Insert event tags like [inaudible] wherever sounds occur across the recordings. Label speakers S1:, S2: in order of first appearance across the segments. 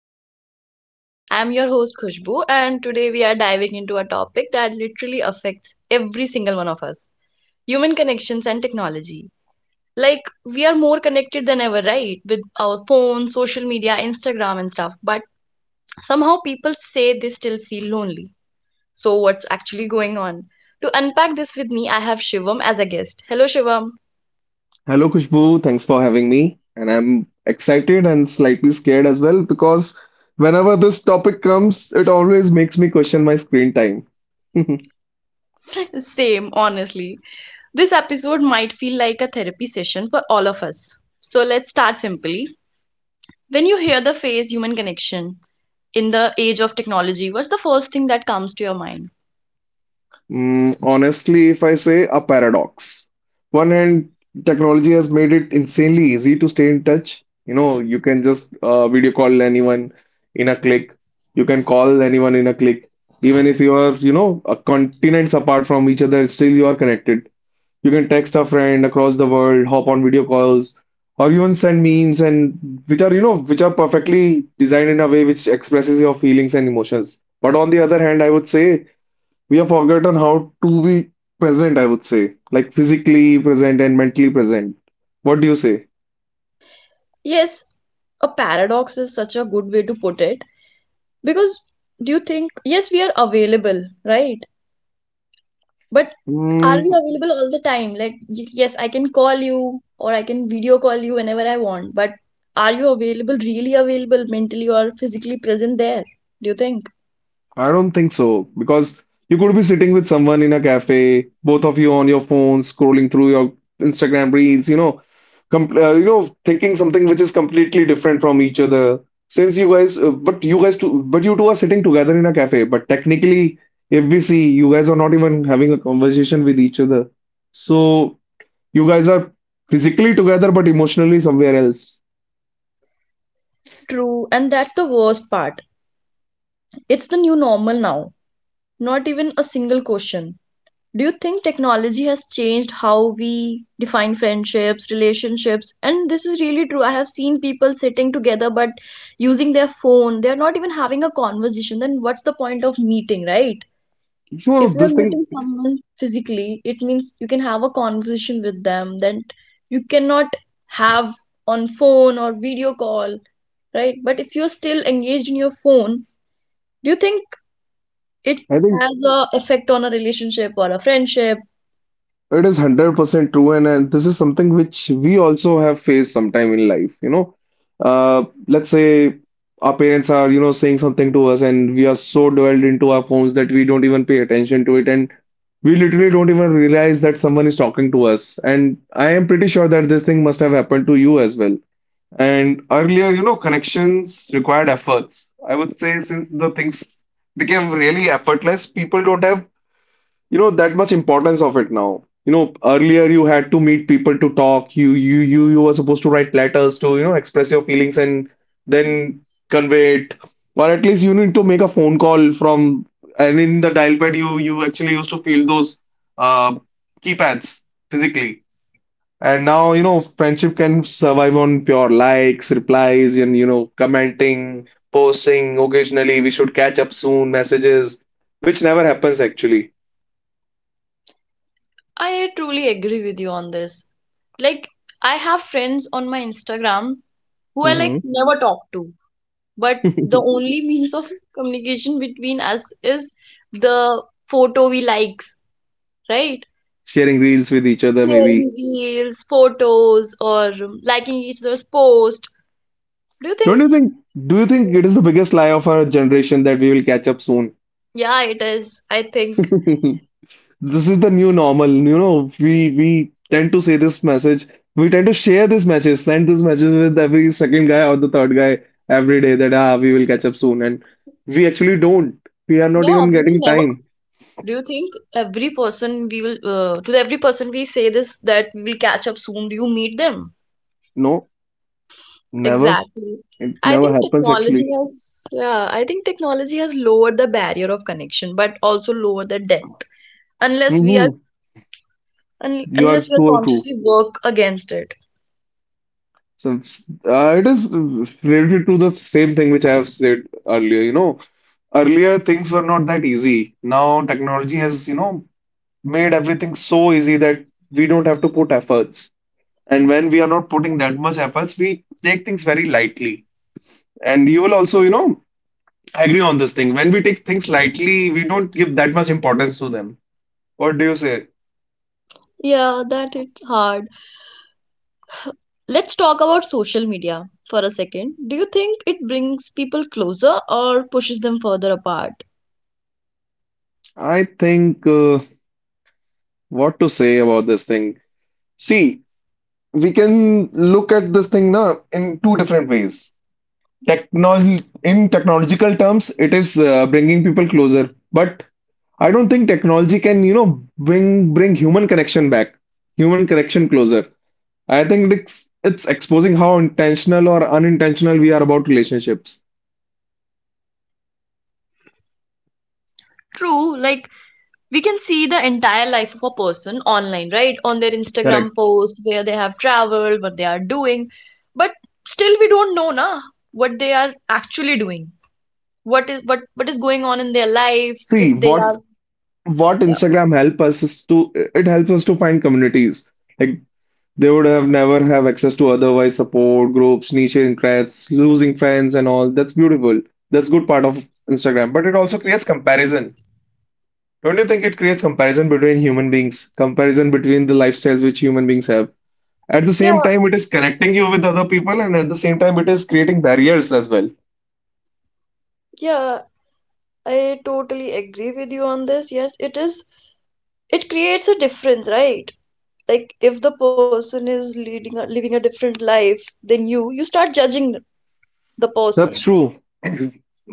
S1: the podcast. I'm your host Khushbu, and today we are diving into a topic that literally affects every single one of us: human connections and technology. Like, we are more connected than ever, right? With our phones, social media, Instagram, and stuff, but somehow people say they still feel lonely. So, what's actually going on? To unpack this with me, I have Shivam as a guest. Hello, Shivam.
S2: Hello, Kushbu. Thanks for having me. And I'm excited and slightly scared as well because whenever this topic comes, it always makes me question my screen time. [laughs]
S1: Same, honestly. This episode might feel like a therapy session for all of us. So let's start simply. When you hear the phrase human connection in the age of technology, what's the first thing that comes to your mind?
S2: Mm, honestly, if I say a paradox. One hand, technology has made it insanely easy to stay in touch. You know, you can just video call anyone in a click. You can call anyone in a click. Even if you are, you know, continents apart from each other, still you are connected. You can text a friend across the world, hop on video calls, or even send memes and which are, you know, which are perfectly designed in a way which expresses your feelings and emotions. But on the other hand, I would say we have forgotten how to be present, I would say, like physically present and mentally present. What do you say?
S1: Yes, a paradox is such a good way to put it. Because do you think, yes, we are available, right? But are we available all the time? Like, yes, I can call you or I can video call you whenever I want, but are you available, really available, mentally or physically present there? Do you think?
S2: I don't think so because you could be sitting with someone in a cafe, both of you on your phones, scrolling through your Instagram reels, you know, you know, thinking something which is completely different from each other. But you guys, two, but you two are sitting together in a cafe. But technically, if we see, you guys are not even having a conversation with each other. So you guys are physically together, but emotionally somewhere else.
S1: True, and that's the worst part. It's the new normal now. Not even a single question. Do you think technology has changed how we define friendships, relationships? And this is really true. I have seen people sitting together but using their phone. They're not even having a conversation. Then what's the point of meeting, right?
S2: You know,
S1: If you're
S2: this thing,
S1: meeting someone physically, it means you can have a conversation with them that you cannot have on phone or video call, right? But if you're still engaged in your phone, do you think it
S2: I think.
S1: has a effect on a relationship or a friendship?
S2: It is 100% true, and this is something which we also have faced sometime in life. You know, let's say our parents are, you know, saying something to us, and we are so dwelled into our phones that we don't even pay attention to it, and we literally don't even realize that someone is talking to us. And I am pretty sure that this thing must have happened to you as well. And earlier, you know, connections required efforts. I would say since the things became really effortless, people don't have, you know, that much importance of it now. You know, earlier you had to meet people to talk. You were supposed to write letters to, you know, express your feelings and then convey it, or at least you need to make a phone call from. And in the dial pad you actually used to feel those uh keypads physically. And now, you know, friendship can survive on pure likes, replies, and, you know, commenting, posting occasionally, "we should catch up soon" messages which never happens actually.
S1: I truly agree with you on this. Like, I have friends on my Instagram who I like never talk to, but the
S2: [laughs]
S1: only means of communication between us is the photo we likes, right?
S2: Sharing reels with each other, maybe.
S1: Sharing reels, photos, or liking each other's post. Do you
S2: Don't
S1: think?
S2: you think? Do you think it is the biggest lie of our generation that we will catch up soon?
S1: Yeah, it is, I think.
S2: [laughs] This is the new normal. You know, we tend to say this message. We tend to share this message, send this message with every second guy or the third guy every day that ah, we will catch up soon, and we actually don't. We are not
S1: Yeah,
S2: even
S1: we will
S2: getting
S1: never.
S2: time.
S1: Do you think every person we will to every person we say this that we'll catch up soon? Do you meet them?
S2: No, never.
S1: Exactly.
S2: It
S1: I
S2: never
S1: think
S2: happens
S1: technology
S2: actually.
S1: has yeah. I think technology has lowered the barrier of connection, but also lowered the depth. Unless we are
S2: Hmm.
S1: un
S2: You are
S1: unless we are
S2: so true.
S1: consciously work against it.
S2: So it is related to the same thing which I have said earlier. You know, earlier things were not that easy. Now technology has, you know, made everything so easy that we don't have to put efforts. And when we are not putting that much efforts, we take things very lightly. And you will also, you know, agree on this thing. When we take things lightly, we don't give that much importance to them. What do you say?
S1: Yeah, that it's hard. Let's talk about social media for a second. Do you think it brings people closer or pushes them further apart?
S2: I think What to say about this thing. See, we can look at this thing now in two different ways. Technol in technological terms, it is bringing people closer, but I don't think technology can, you know, bring human connection back, human connection closer. I think it's exposing how intentional or unintentional we are about relationships.
S1: True, like we can see the entire life of a person online, right? On their
S2: Correct.
S1: Instagram post, where they have traveled, what they are doing, but still we don't know na what they are actually doing. What is going on in their life if
S2: See,
S1: they
S2: what
S1: are
S2: what
S1: yeah.
S2: Instagram help us is to, it helps us to find communities. Like, they would have never have access to otherwise, support groups, niche interests, losing friends and all. That's beautiful. That's good part of Instagram. But it also creates comparison. Don't you think it creates comparison between human beings, comparison between the lifestyles which human beings have? At the
S1: Yeah,
S2: same time, it is connecting you with other people, and at the same time, it is creating barriers as well.
S1: yeah, I totally agree with you on this. Yes, it is, it creates a difference, right? Like if the person is leading a, living a different life than you, you start judging the
S2: That's
S1: person
S2: true. [clears throat]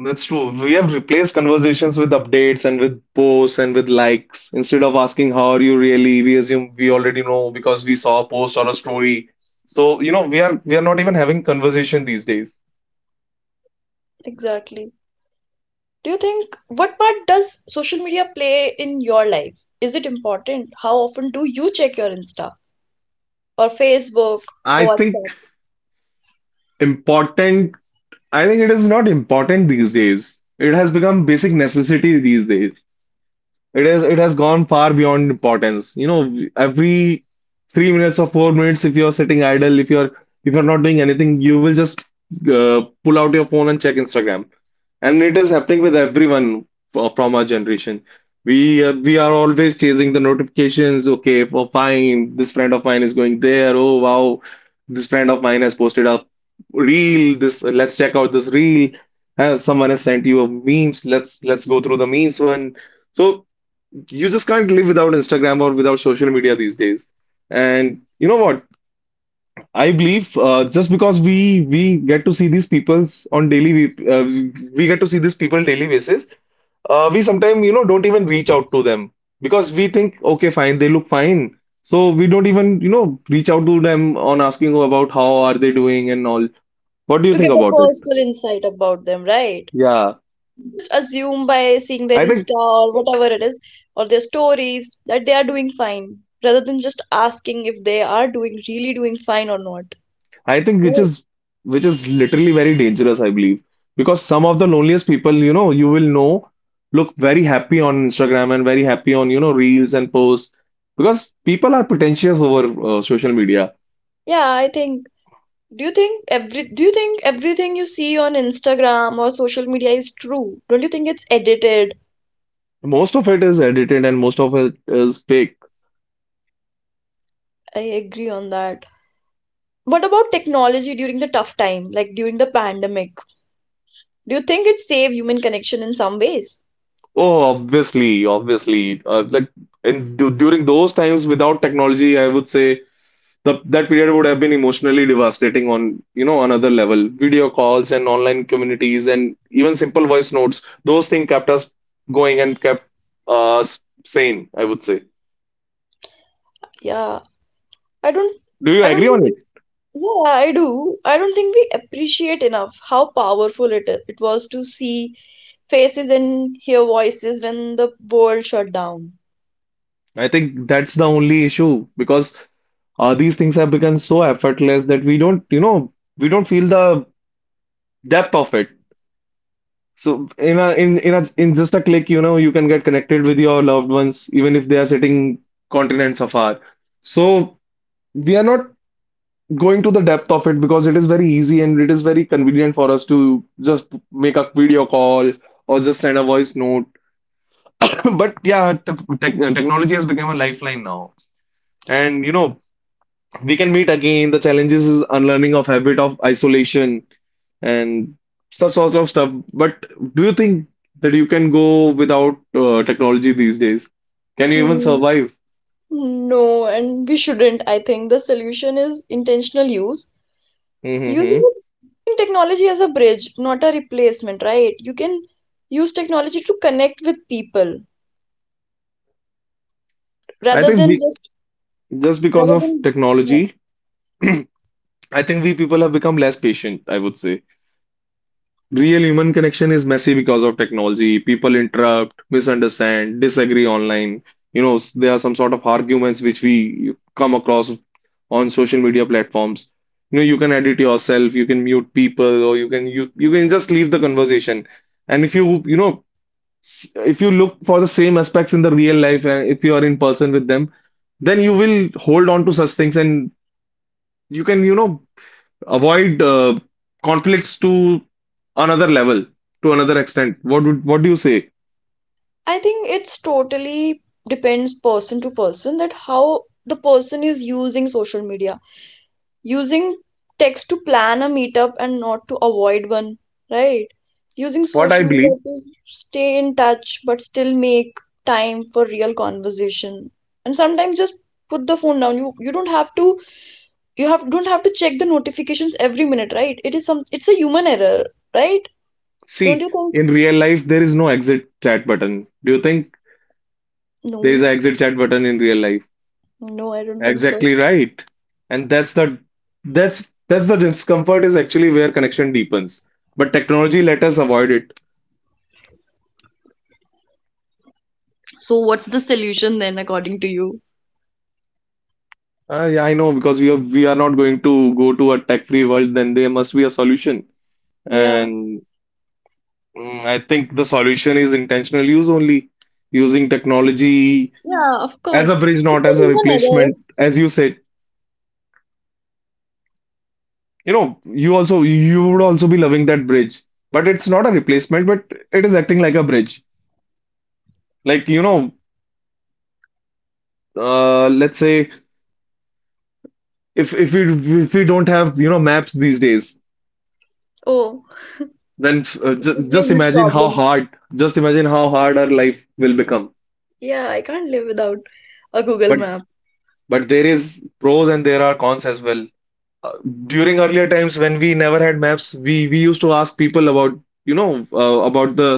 S2: That's true. We have replaced conversations with updates and with posts and with likes. Instead of asking how are you really, we assume we already know because we saw a post or a story. So, you know, we are not even having conversation these days.
S1: exactly. Do you think what part does social media play in your life is it important how often do you check your insta or Facebook or
S2: I think
S1: WhatsApp
S2: important, I think it is not important these days. It has become basic necessity these days. It has gone far beyond importance. You know, every 3 minutes or 4 minutes, if you're sitting idle, if you're not doing anything, you will just pull out your phone and check Instagram. And it is happening with everyone from our generation. We are always chasing the notifications. Okay, for fine, this friend of mine is going there. Oh wow, this friend of mine has posted a reel. This, let's check out this reel. Someone has sent you a memes. Let's go through the memes one. So you just can't live without Instagram or without social media these days. And you know what? I believe just because we get to see these peoples on daily, uh, we get to see these people daily basis, we sometimes, you know, don't even reach out to them because we think okay fine they look fine, so we don't even, you know, reach out to them on asking about how are they doing and all. What do you
S1: to
S2: think
S1: get a
S2: about it?
S1: personal insight about them, right?
S2: Yeah,
S1: Just assume by seeing their
S2: I think
S1: insta or whatever it is or their stories that they are doing fine, rather than just asking if they are doing really doing fine or not.
S2: I think which
S1: Well,
S2: is, which is literally very dangerous, I believe, because some of the loneliest people, you know, you will know look very happy on Instagram and very happy on, you know, reels and posts because people are pretentious over social media.
S1: yeah, I think. Do you think everything you see on Instagram or social media is true? Don't you think it's edited?
S2: Most of it is edited and most of it is fake.
S1: I agree on that. What about technology during the tough time, like during the pandemic? Do you think it saved human connection in some ways?
S2: Oh, obviously, obviously. Like during those times without technology, I would say the that period would have been emotionally devastating on, you know, another level. Video calls and online communities and even simple voice notes, those things kept us going and kept us sane, I would say.
S1: Yeah, I don't
S2: Do you
S1: I don't
S2: agree on it?
S1: think yeah, I do. I don't think we appreciate enough how powerful it it was to see faces and hear voices when the world shut down.
S2: I think that's the only issue because these things have become so effortless that we don't, you know, we don't feel the depth of it. So in a in just a click, you know, you can get connected with your loved ones even if they are sitting continents afar. So we are not going to the depth of it because it is very easy and it is very convenient for us to just make a video call or just send a voice note. [coughs] [laughs] But yeah, technology is, now, and you know, we can meet again. The challenges is unlearning of habit of isolation and such sort of stuff. But do you think that you can go without technology these days? Can you even
S1: Hmm.
S2: survive?
S1: No, and we shouldn't. I think the solution is intentional use.
S2: Hmm.
S1: Using technology as a bridge, not a replacement, right? You can use technology to connect with people
S2: I
S1: rather
S2: think
S1: than
S2: we
S1: just
S2: just because
S1: rather
S2: of
S1: than yeah.
S2: technology, [coughs] [clears throat] I think we people have become less patient, I would say. Real human connection is messy. Because of technology, people interrupt, misunderstand, disagree online. You know, there are some sort of arguments which we come across on social media platforms. You know, you can edit yourself, you can mute people, or you can, you can just leave the conversation. And if you, you know, if you look for the same aspects in the real life and if you are in person with them, then you will hold on to such things and you can, you know, avoid conflicts to another level, to another extent. What do you say?
S1: I think it's totally depends person to person that how the person is using social media. Using text to plan a meetup and not to avoid one, right? Using
S2: What I
S1: social media
S2: believe,
S1: to stay in touch but still make time for real conversation. And sometimes just put the phone down. You don't have to you have don't have to check the notifications every minute, right? It is some it's a human error, right? Don't
S2: see,
S1: you think?
S2: in real life there is no exit chat button. Do you think there is
S1: No,
S2: an exit chat button in real life?
S1: no, I don't think so.
S2: Exactly right. And that's the discomfort is actually where connection deepens. But technology let us avoid it.
S1: So, what's the solution then, according to you?
S2: Yeah, I know because we are not going to go to a tech-free world. Then there must be a solution.
S1: Yeah,
S2: And mm, I think the solution is intentional use only, using technology
S1: yeah, of
S2: as a
S1: course.
S2: bridge, not
S1: It's a
S2: as a
S1: human error.
S2: replacement. As you said, you know, you also, you would also be loving that bridge, but it's not a replacement, but it is acting like a bridge. Like, you
S1: It's,
S2: know, let's say if we don't have, you know, maps these days,
S1: oh,
S2: then
S1: it would be a
S2: just
S1: huge
S2: imagine how
S1: problem.
S2: hard, just imagine how hard our life will become.
S1: Yeah, I can't live without a Google
S2: But
S1: map.
S2: but there is pros and there are cons as well. uh, During earlier times when we never had maps, we used to ask people about about the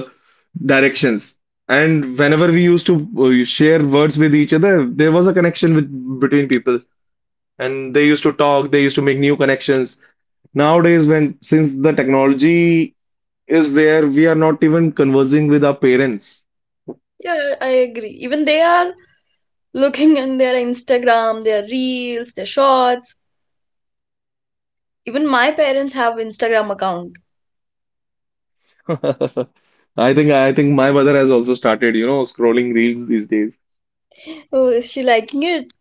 S2: directions. And whenever we used to share words with each other, there was a connection with between people, and they used to talk. They used to make new connections. Nowadays, when since the technology is there, we are not even conversing with our parents.
S1: Yeah, I agree. Even they are looking in their Instagram, their reels, their shorts. Even my parents have Instagram account.
S2: [laughs] I think my mother has also started, you know, scrolling reels these days.
S1: Oh, is she liking it?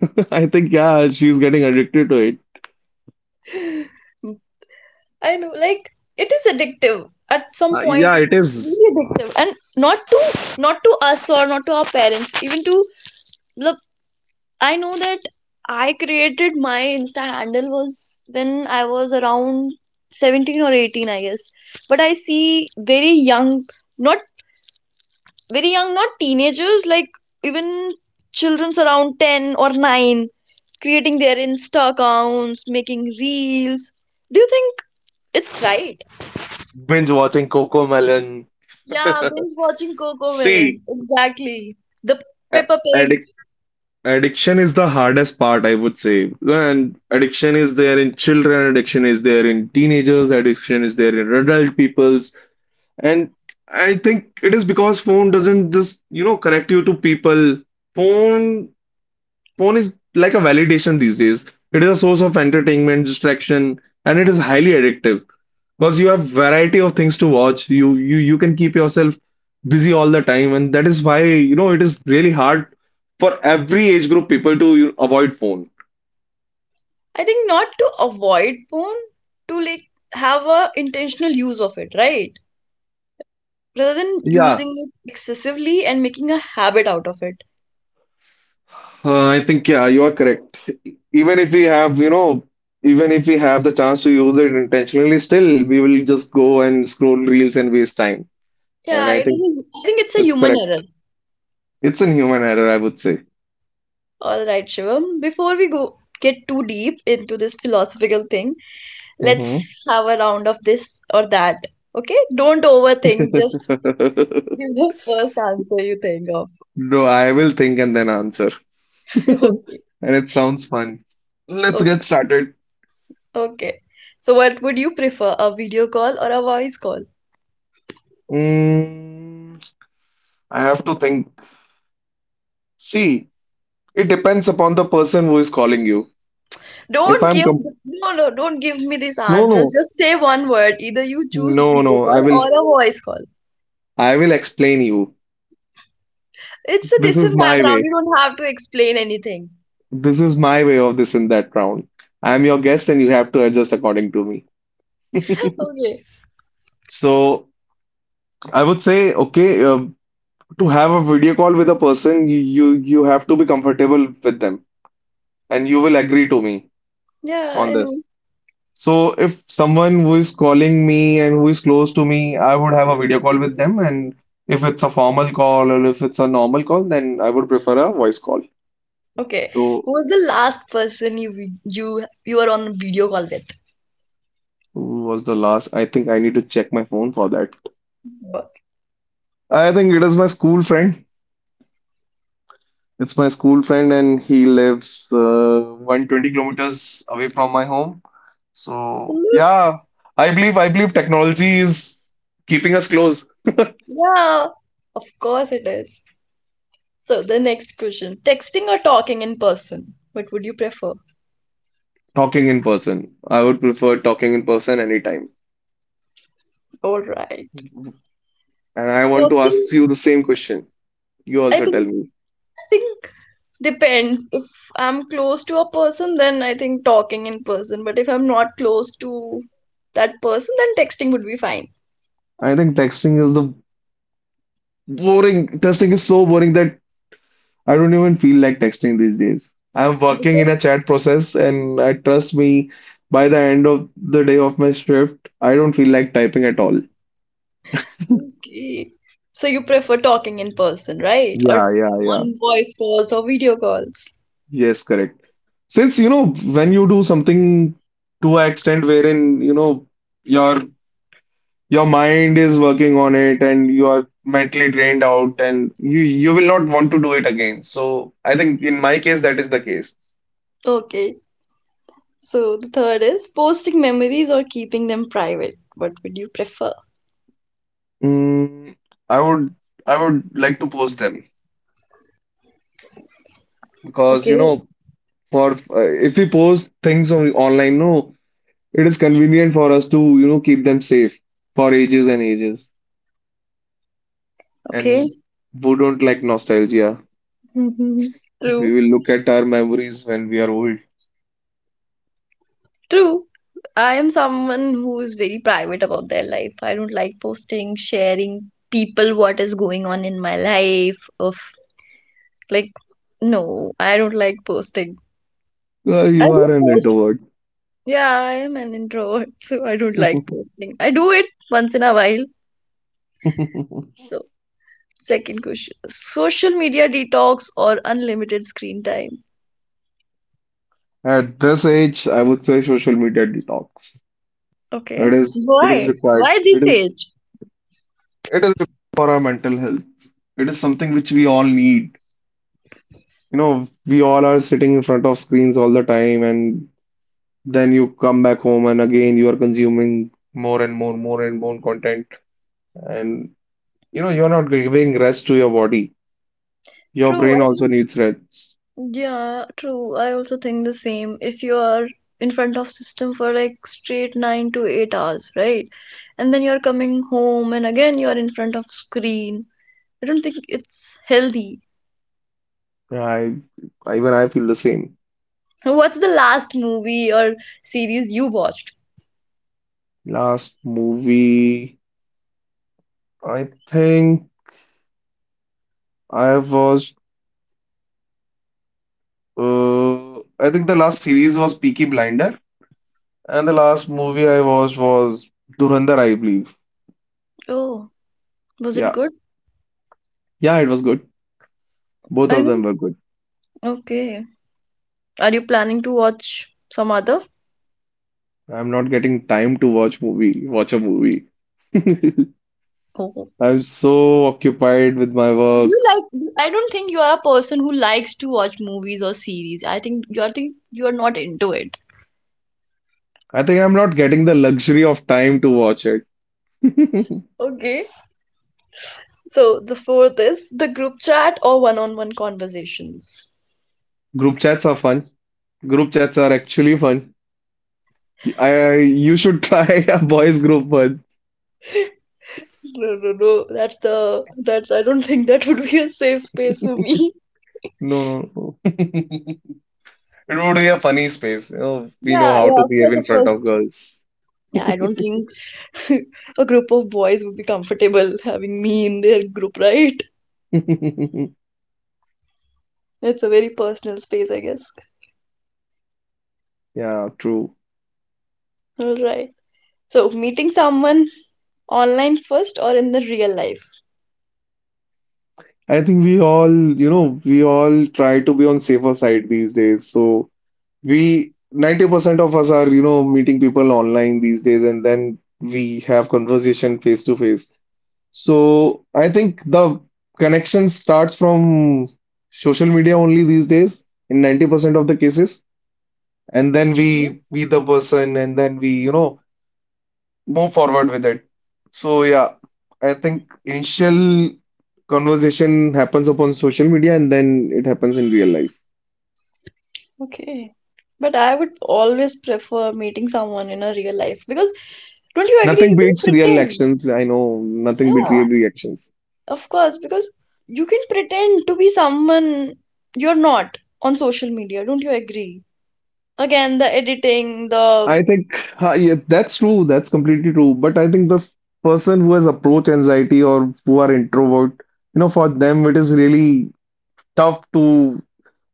S2: [laughs] I think yeah, she's getting addicted to it.
S1: [sighs] [laughs] I know, like it is addictive. At some point,
S2: Yeah,
S1: it
S2: it
S1: is
S2: is
S1: really addictive, and not to not to us or not to our parents, even to the I know that I created my Insta handle was when I was around 17 or 18, I guess. But I see not very young, not teenagers, like even children's around 10 or 9 creating their Insta accounts, making reels. Do you think it's right?
S2: binge watching Coco Melon.
S1: Yeah,
S2: [laughs]
S1: binge watching Coco Melon.
S2: See,
S1: Exactly. The
S2: a-
S1: Peppa Pig
S2: addic- addiction is the hardest part, I would say. And addiction is there in children, addiction is there in teenagers, addiction is there in adult peoples. And I think it is because phone doesn't just, you know, connect you to people. Phone Phone is like a validation these days. It is a source of entertainment, distraction, and it is highly addictive because you have variety of things to watch. You can keep yourself busy all the time, and that is why you know it is really hard for every age group people to you know, avoid phone.
S1: I think not to avoid phone, to like have a intentional use of it, right? Rather than
S2: Yeah,
S1: using it excessively and making a habit out of it.
S2: I think yeah, you are correct. Even if we have, you know, Even if we have the chance to use it intentionally, still we will just go and scroll reels and waste time. And
S1: Yeah,
S2: I
S1: it
S2: think
S1: is, I think it's a
S2: it's
S1: human error.
S2: correct. It's a human error, I would say.
S1: All right, Shivam, before we go get too deep into this philosophical thing, let's
S2: Mm-hmm.
S1: have a round of this or that. Okay? Don't overthink, just give
S2: [laughs]
S1: the first answer you think of.
S2: No, I will think and then answer.
S1: [laughs] Okay.
S2: And it sounds fun. Let's get
S1: Okay.
S2: started.
S1: Okay. So what would you prefer, a video call or a voice call?
S2: Mm, I have to think. See, it depends upon the person who is calling you. If
S1: Don't
S2: I'm
S1: give
S2: com-
S1: no, don't give me these
S2: No,
S1: answers.
S2: no,
S1: Just say one word. Either you choose
S2: no,
S1: video
S2: no.
S1: call or a voice call.
S2: I will explain you.
S1: It's a
S2: This
S1: this and
S2: is
S1: that
S2: my
S1: round.
S2: way.
S1: You don't have to explain anything.
S2: This is my way of this in that round. I'm your guest, and you have to adjust according to me.
S1: [laughs] Okay.
S2: So I would say, okay, to have a video call with a person, you have to be comfortable with them, and you will agree to me
S1: Yeah,
S2: on
S1: I know.
S2: this. So if someone who is calling me and who is close to me, I would have a video call with them, and if it's a formal call or if it's a normal call, then I would prefer a voice call.
S1: Okay.
S2: So
S1: Who was the last person you you were on a video call with?
S2: was the last? I think I need to check my phone for that. I think it is my school friend. It's my school friend, and he lives 120 kilometers away from my home. So
S1: Absolute.
S2: yeah, I believe technology is keeping us close.
S1: Yeah. Of course it is. So the next question. Texting or talking in person? What would you prefer?
S2: Talking in person. I would prefer talking in person anytime.
S1: All right.
S2: And I want to
S1: Posting.
S2: ask you the same question. You
S1: I
S2: also tell
S1: think
S2: me.
S1: think depends. If I'm close to a person, then I think talking in person. But if I'm not close to that person, then texting would be fine.
S2: I think texting is the boring. Texting is so boring that I don't even feel like texting these days. I'm working in a
S1: Because,
S2: chat process, and I trust me, by the end of the day of my shift, I don't feel like typing at all.
S1: okay. So you prefer talking in person, right? Or
S2: Yeah, yeah, yeah.
S1: on voice calls or video calls.
S2: Yes, correct. Since, you know, when you do something to an extent wherein, you know, your your mind is working on it and you are mentally drained out and you will not want to do it again. So I think in my case that is the case.
S1: Okay. So the third is posting memories or keeping them private. What would you prefer?
S2: Mm, I would I would like to post them, because you
S1: Okay.
S2: know for if we post things on online no it is convenient for us to you know keep them safe for ages and ages
S1: Okay.
S2: and who don't like nostalgia,
S1: [laughs]
S2: we
S1: True.
S2: will look at our memories when we are old.
S1: True. I am someone who is very private about their life. I don't like posting, sharing people what is going on in my life. Of like, no, I don't like posting. I
S2: You are
S1: do
S2: an
S1: post.
S2: introvert.
S1: Yeah, I am an introvert, [laughs] so I don't like posting. I do it once in a while.
S2: [laughs]
S1: So, second question: social media detox or unlimited screen time?
S2: At this age, I would say social media detox.
S1: Okay.
S2: it is it is
S1: Why?
S2: required.
S1: Why
S2: it
S1: this
S2: is
S1: age?
S2: it is required for our mental health. It is something which we all need, you know. We all are sitting in front of screens all the time, and then you come back home and again you are consuming more and more content. And you know, you're not giving rest to your body. Your
S1: True.
S2: brain
S1: I
S2: also
S1: think
S2: needs rest.
S1: yeah, true. I also think the same. If you are in front of system for like straight 9 to 8 hours, right? And then you're coming home and again you are in front of screen. I don't think it's healthy.
S2: I, Even I feel the same.
S1: What's the last movie or series you watched?
S2: Last movie, I think I watched, I think the last series was Peaky Blinder. And the last movie I watched was Dhurandhar, I believe.
S1: Oh, was it
S2: Yeah.
S1: good?
S2: Yeah, it was good. Both
S1: I
S2: of them
S1: know.
S2: were good.
S1: Okay. Are you planning to watch some other?
S2: I'm not getting time to watch a movie. [laughs]
S1: Oh.
S2: I'm so occupied with my
S1: Do you
S2: work.
S1: like, I don't think you are a person who likes to watch movies or series. I think you are not into it.
S2: I think I'm not getting the luxury of time to watch it. [laughs]
S1: Okay. So the fourth is the group chat or one-on-one conversations.
S2: Group chats are fun. Group chats are actually fun. I you should try [laughs] a boys group one.
S1: [laughs] No. That's I don't think that would be a safe space for me.
S2: No, no, no. [laughs] It would be a funny space. You know,
S1: [laughs]
S2: we know
S1: Yeah,
S2: how to
S1: yeah, of
S2: behave
S1: course,
S2: in
S1: of
S2: front
S1: course.
S2: of girls.
S1: Yeah, I don't think [laughs] a group of boys would be comfortable having me in their group, right?
S2: [laughs]
S1: It's a very personal space, I guess.
S2: Yeah, true.
S1: All right. So meeting someone online first or in the real life?
S2: I think we all try to be on safer side these days. So we 90% of us are, you know, meeting people online these days and then we have conversation face to face. So I think the connection starts from social media only these days in 90% of the cases. And then we meet the person and then we, you know, move forward with it. So yeah, I think initial conversation happens upon social media and then it happens in real life.
S1: Okay. But I would always prefer meeting someone in a real life because don't you agree?
S2: Nothing
S1: You can
S2: beats real
S1: pretend.
S2: actions. I know nothing beats
S1: Yeah,
S2: real reactions.
S1: of course, because you can pretend to be someone you're not on social media. Don't you agree? Again, the editing, the
S2: I think huh, yeah, that's true. That's completely true. But I think person who has approach anxiety or who are introvert, you know, for them it is really tough to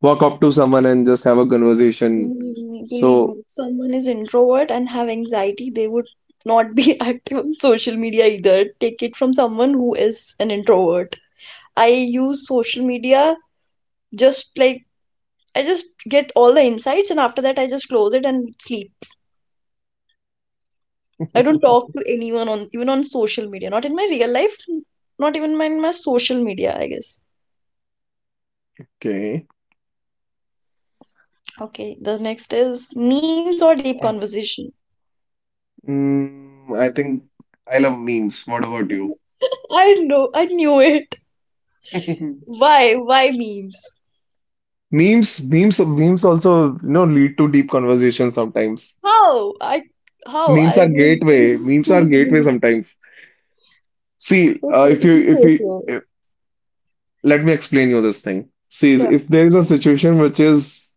S2: walk up to someone and just have a conversation.
S1: believe me,
S2: So,
S1: if someone is introvert and have anxiety, they would not be [laughs] active on social media either. Take it from someone who is an introvert. I use social media just like I just get all the insights and after that I just close it and sleep. I don't talk
S2: [laughs]
S1: to anyone on even on social media, not in my real life, not even in my social media, I guess.
S2: okay.
S1: Okay, the next is memes or deep conversation.
S2: Mm, I think I love memes. What about you?
S1: I know, I knew it.
S2: [laughs]
S1: Why memes?
S2: Memes also, you know, lead to deep conversations sometimes.
S1: How? I how? I don't [laughs]
S2: Memes are
S1: don't
S2: gateway
S1: memes.
S2: sometimes. See,
S1: Okay, if you
S2: if
S1: say
S2: you
S1: so.
S2: let me explain you this thing. See,
S1: Yeah,
S2: if there is a situation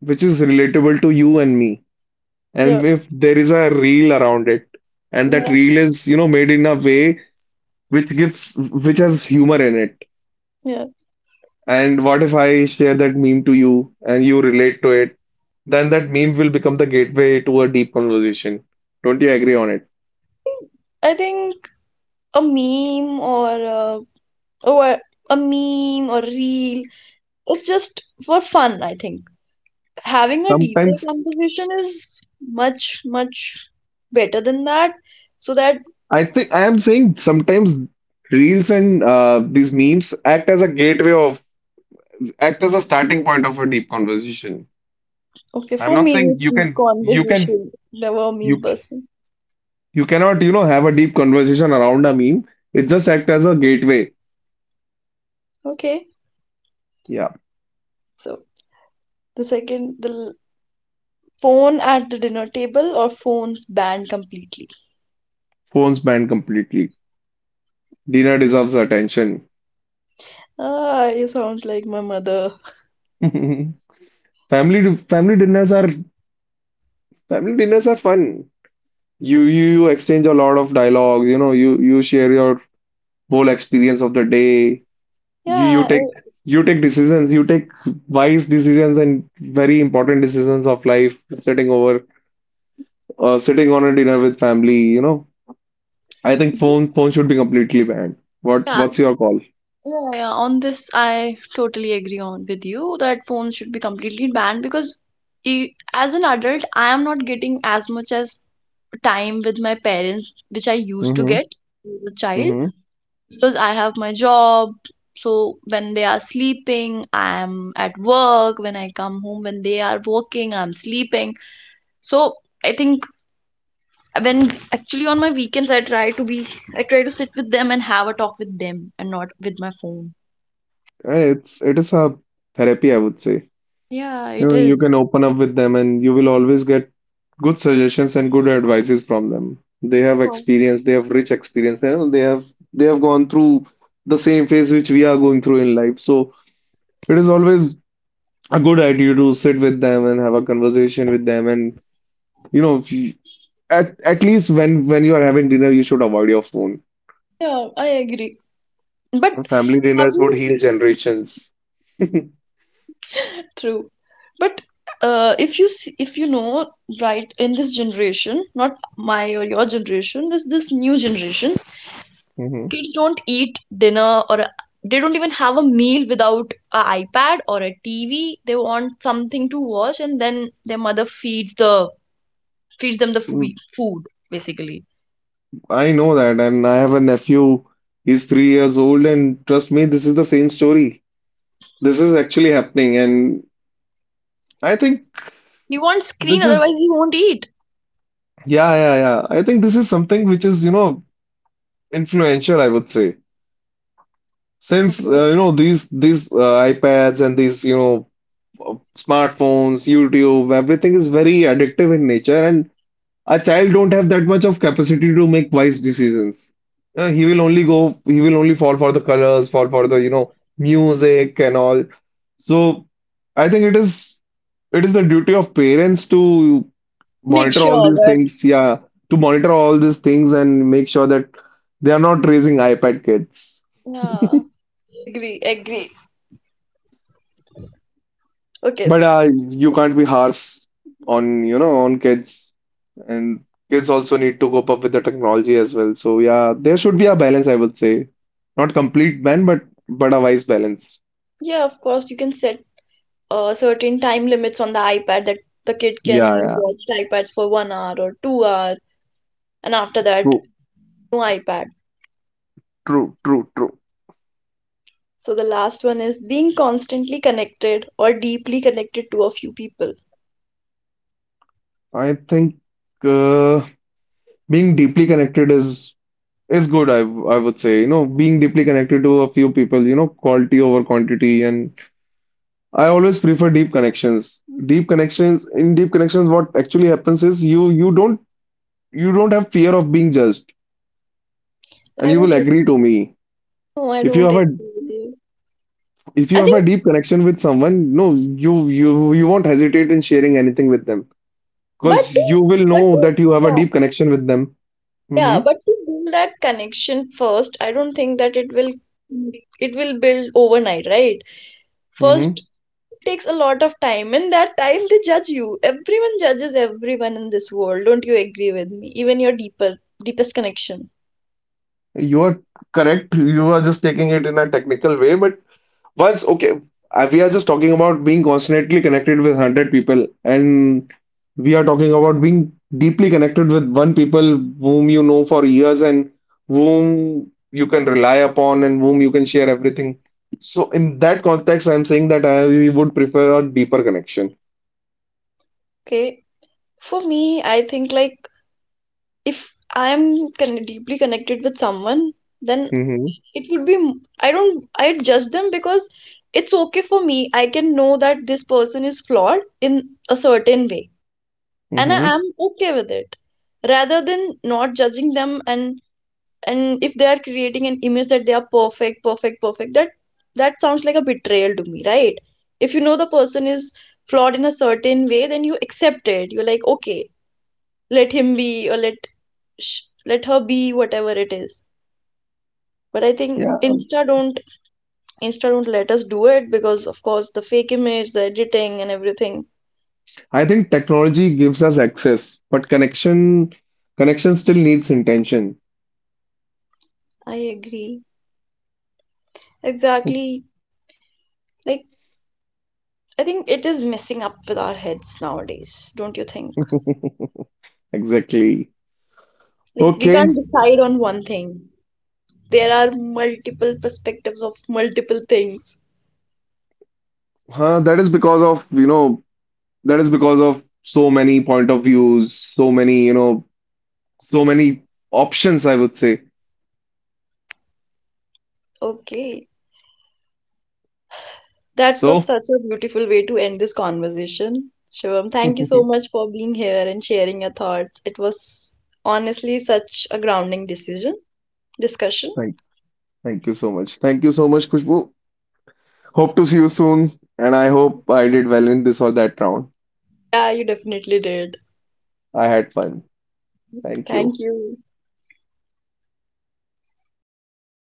S2: which is relatable to you and me,
S1: yeah,
S2: and if there is a reel around it, and that
S1: yeah,
S2: reel is, you know, made in a way which gives which has humor in it.
S1: yeah.
S2: And what if I share that meme to you and you relate to it? Then that meme will become the gateway to a deep conversation. Don't you agree on it?
S1: I think a meme or a meme or reel, it's just for fun. I think having a deeper
S2: Sometimes
S1: conversation is much better than that. so that
S2: I think I am saying sometimes reels and these memes act as a gateway of act as a starting point of a deep conversation.
S1: okay,
S2: I'm
S1: for
S2: not
S1: me
S2: saying
S1: it's deep conversation, never a meme
S2: you
S1: person.
S2: you cannot, you know, have a deep conversation around a meme. It just act as a gateway.
S1: Okay,
S2: Yeah,
S1: so the second, phone at the dinner table or phones banned completely?
S2: phones banned completely. Dinner deserves attention.
S1: Ah, you sound like my mother.
S2: [laughs] Family family dinners are family dinners are fun. You exchange a lot of dialogues, you know, you share your whole experience of the day. You
S1: yeah
S2: take
S1: I-
S2: decisions, you take wise decisions and very important decisions of life sitting over sitting on a dinner with family, you know, I think
S1: Mhm.
S2: phone should be completely banned.
S1: Yeah.
S2: What's your call?
S1: Yeah, yeah, on this I totally agree on with you that phones should be completely banned, because e as an adult I am not getting as much as time with my parents which I used to
S2: Mm-hmm.
S1: get as a child,
S2: Mm-hmm.
S1: because I have my job. So when they are sleeping, I am at work. When I come home, when they are working, I'm sleeping. So I think, when actually on my weekends I try to be I try to sit with them and have a talk with them and not with my phone.
S2: Eh, it is a therapy, I would say.
S1: Yeah,
S2: You
S1: it
S2: know, you can
S1: is.
S2: open up with them, and you will always get good suggestions and good advices from them. They
S1: Of
S2: have
S1: course.
S2: experience, they have rich experience, you know, they have gone through the same phase which we are going through in life. So it is always a good idea to sit with them and have a conversation with them. And you know, at least when you are having dinner, you should avoid your phone.
S1: Yeah, I agree. But
S2: Family
S1: have
S2: dinners would
S1: you,
S2: heal generations. [laughs]
S1: true? But if you see, if you know, right, in this generation, not my or your generation, this new generation,
S2: Hmm.
S1: kids don't eat dinner or a- they don't even have a meal without a iPad or a TV. They want something to watch, and then their mother feeds the feeds them the foo- food basically.
S2: I know that, and I have a nephew. He's 3 years old, and trust me, this is the same story. This is actually happening, and I think
S1: You want screen,
S2: this
S1: otherwise
S2: is,
S1: you won't eat.
S2: yeah, yeah, yeah. I think this is something which is, you know, influential, I would say. Since,
S1: Okay.
S2: you know, these iPads and these, you know, smartphones, YouTube, everything is very addictive in nature, and a child don't have that much of capacity to make wise decisions. He will only fall for the colors, fall for the, you know, music and all. So I think it is the duty of parents to
S1: Make
S2: monitor all
S1: sure
S2: these
S1: that.
S2: things, yeah, to monitor all these things and make sure that they are not raising iPad kids.
S1: Yeah. Agree. Agree. Okay.
S2: But you can't be harsh on, you know, on kids. And kids also need to cope up with the technology as well. So yeah, there should be a balance, I would say. Not complete ban, but a wise balance.
S1: Yeah, of course, you can set certain time limits on the iPad, that the kid can
S2: Yeah,
S1: only
S2: yeah.
S1: watch the iPads for 1 hour or 2 hour, and after that,
S2: True,
S1: no iPad.
S2: true.
S1: So the last one is being constantly connected or deeply connected to a few people.
S2: I think uh, being deeply connected is good, I would say. You know, being deeply connected to a few people, you know, quality over quantity. And I always prefer deep connections. Deep connections, in deep connections, what actually happens is you don't have fear of being judged and
S1: I
S2: you will
S1: don't
S2: agree to
S1: agree.
S2: me
S1: No, I
S2: if you
S1: don't
S2: have a
S1: agree with you.
S2: if you
S1: I
S2: have a
S1: think,
S2: deep connection with someone no you won't hesitate in sharing anything with them because
S1: but to,
S2: you will
S1: but
S2: know
S1: to,
S2: that you have a
S1: yeah,
S2: deep connection with them. Mm-hmm,
S1: yeah, But to build that connection first, I don't think that it will build overnight, right? First,
S2: mm-hmm.
S1: takes a lot of time, and that time they judge you, everyone judges everyone in this world. Don't you agree with me, even your deeper deepest connection?
S2: You are correct. You are just taking it in a technical way but once, okay, we are just talking about being constantly connected with 100 people, and we are talking about being deeply connected with one people whom you know for years and whom you can rely upon and whom you can share everything. So, in that context, I'm saying that I we would prefer a deeper connection.
S1: Okay, for me I think, like, if I am con- deeply connected with someone, then
S2: Hmm.
S1: it would be I don't, I judge them, because it's okay for me, I can know that this person is flawed in a certain way, and I
S2: Hmm.
S1: am okay with it, rather than not judging them. And if they are creating an image that they are perfect, perfect, that that sounds like a betrayal to me, right? If you know the person is flawed in a certain way, then you accept it, you're like, okay, let him be, or let her be, whatever it is. But I think
S2: Yeah,
S1: insta don't, insta don't let us do it, because of course, the fake image, the editing, and everything.
S2: I think technology gives us access, but connection still needs intention.
S1: I agree, exactly. Like, I think it is messing up with our heads nowadays, don't you think?
S2: [laughs] Exactly.
S1: Like, we
S2: Okay.
S1: can't decide on one thing. There are multiple perspectives of multiple things.
S2: Huh, that is because of, you know, that is because of so many point of views, so many, you know, so many options, I would say.
S1: Okay. That was
S2: So,
S1: such a beautiful way to end this conversation. Shivam,
S2: [laughs]
S1: thank you so
S2: thank,
S1: much for being here and sharing your thoughts. It was honestly such a grounding decision discussion.
S2: thank you so much. Thank you so much, Kushbu. Hope to see you soon, and I hope I did well in this or that round.
S1: Yeah, you definitely did.
S2: I had fun. Thank you.
S1: Thank you.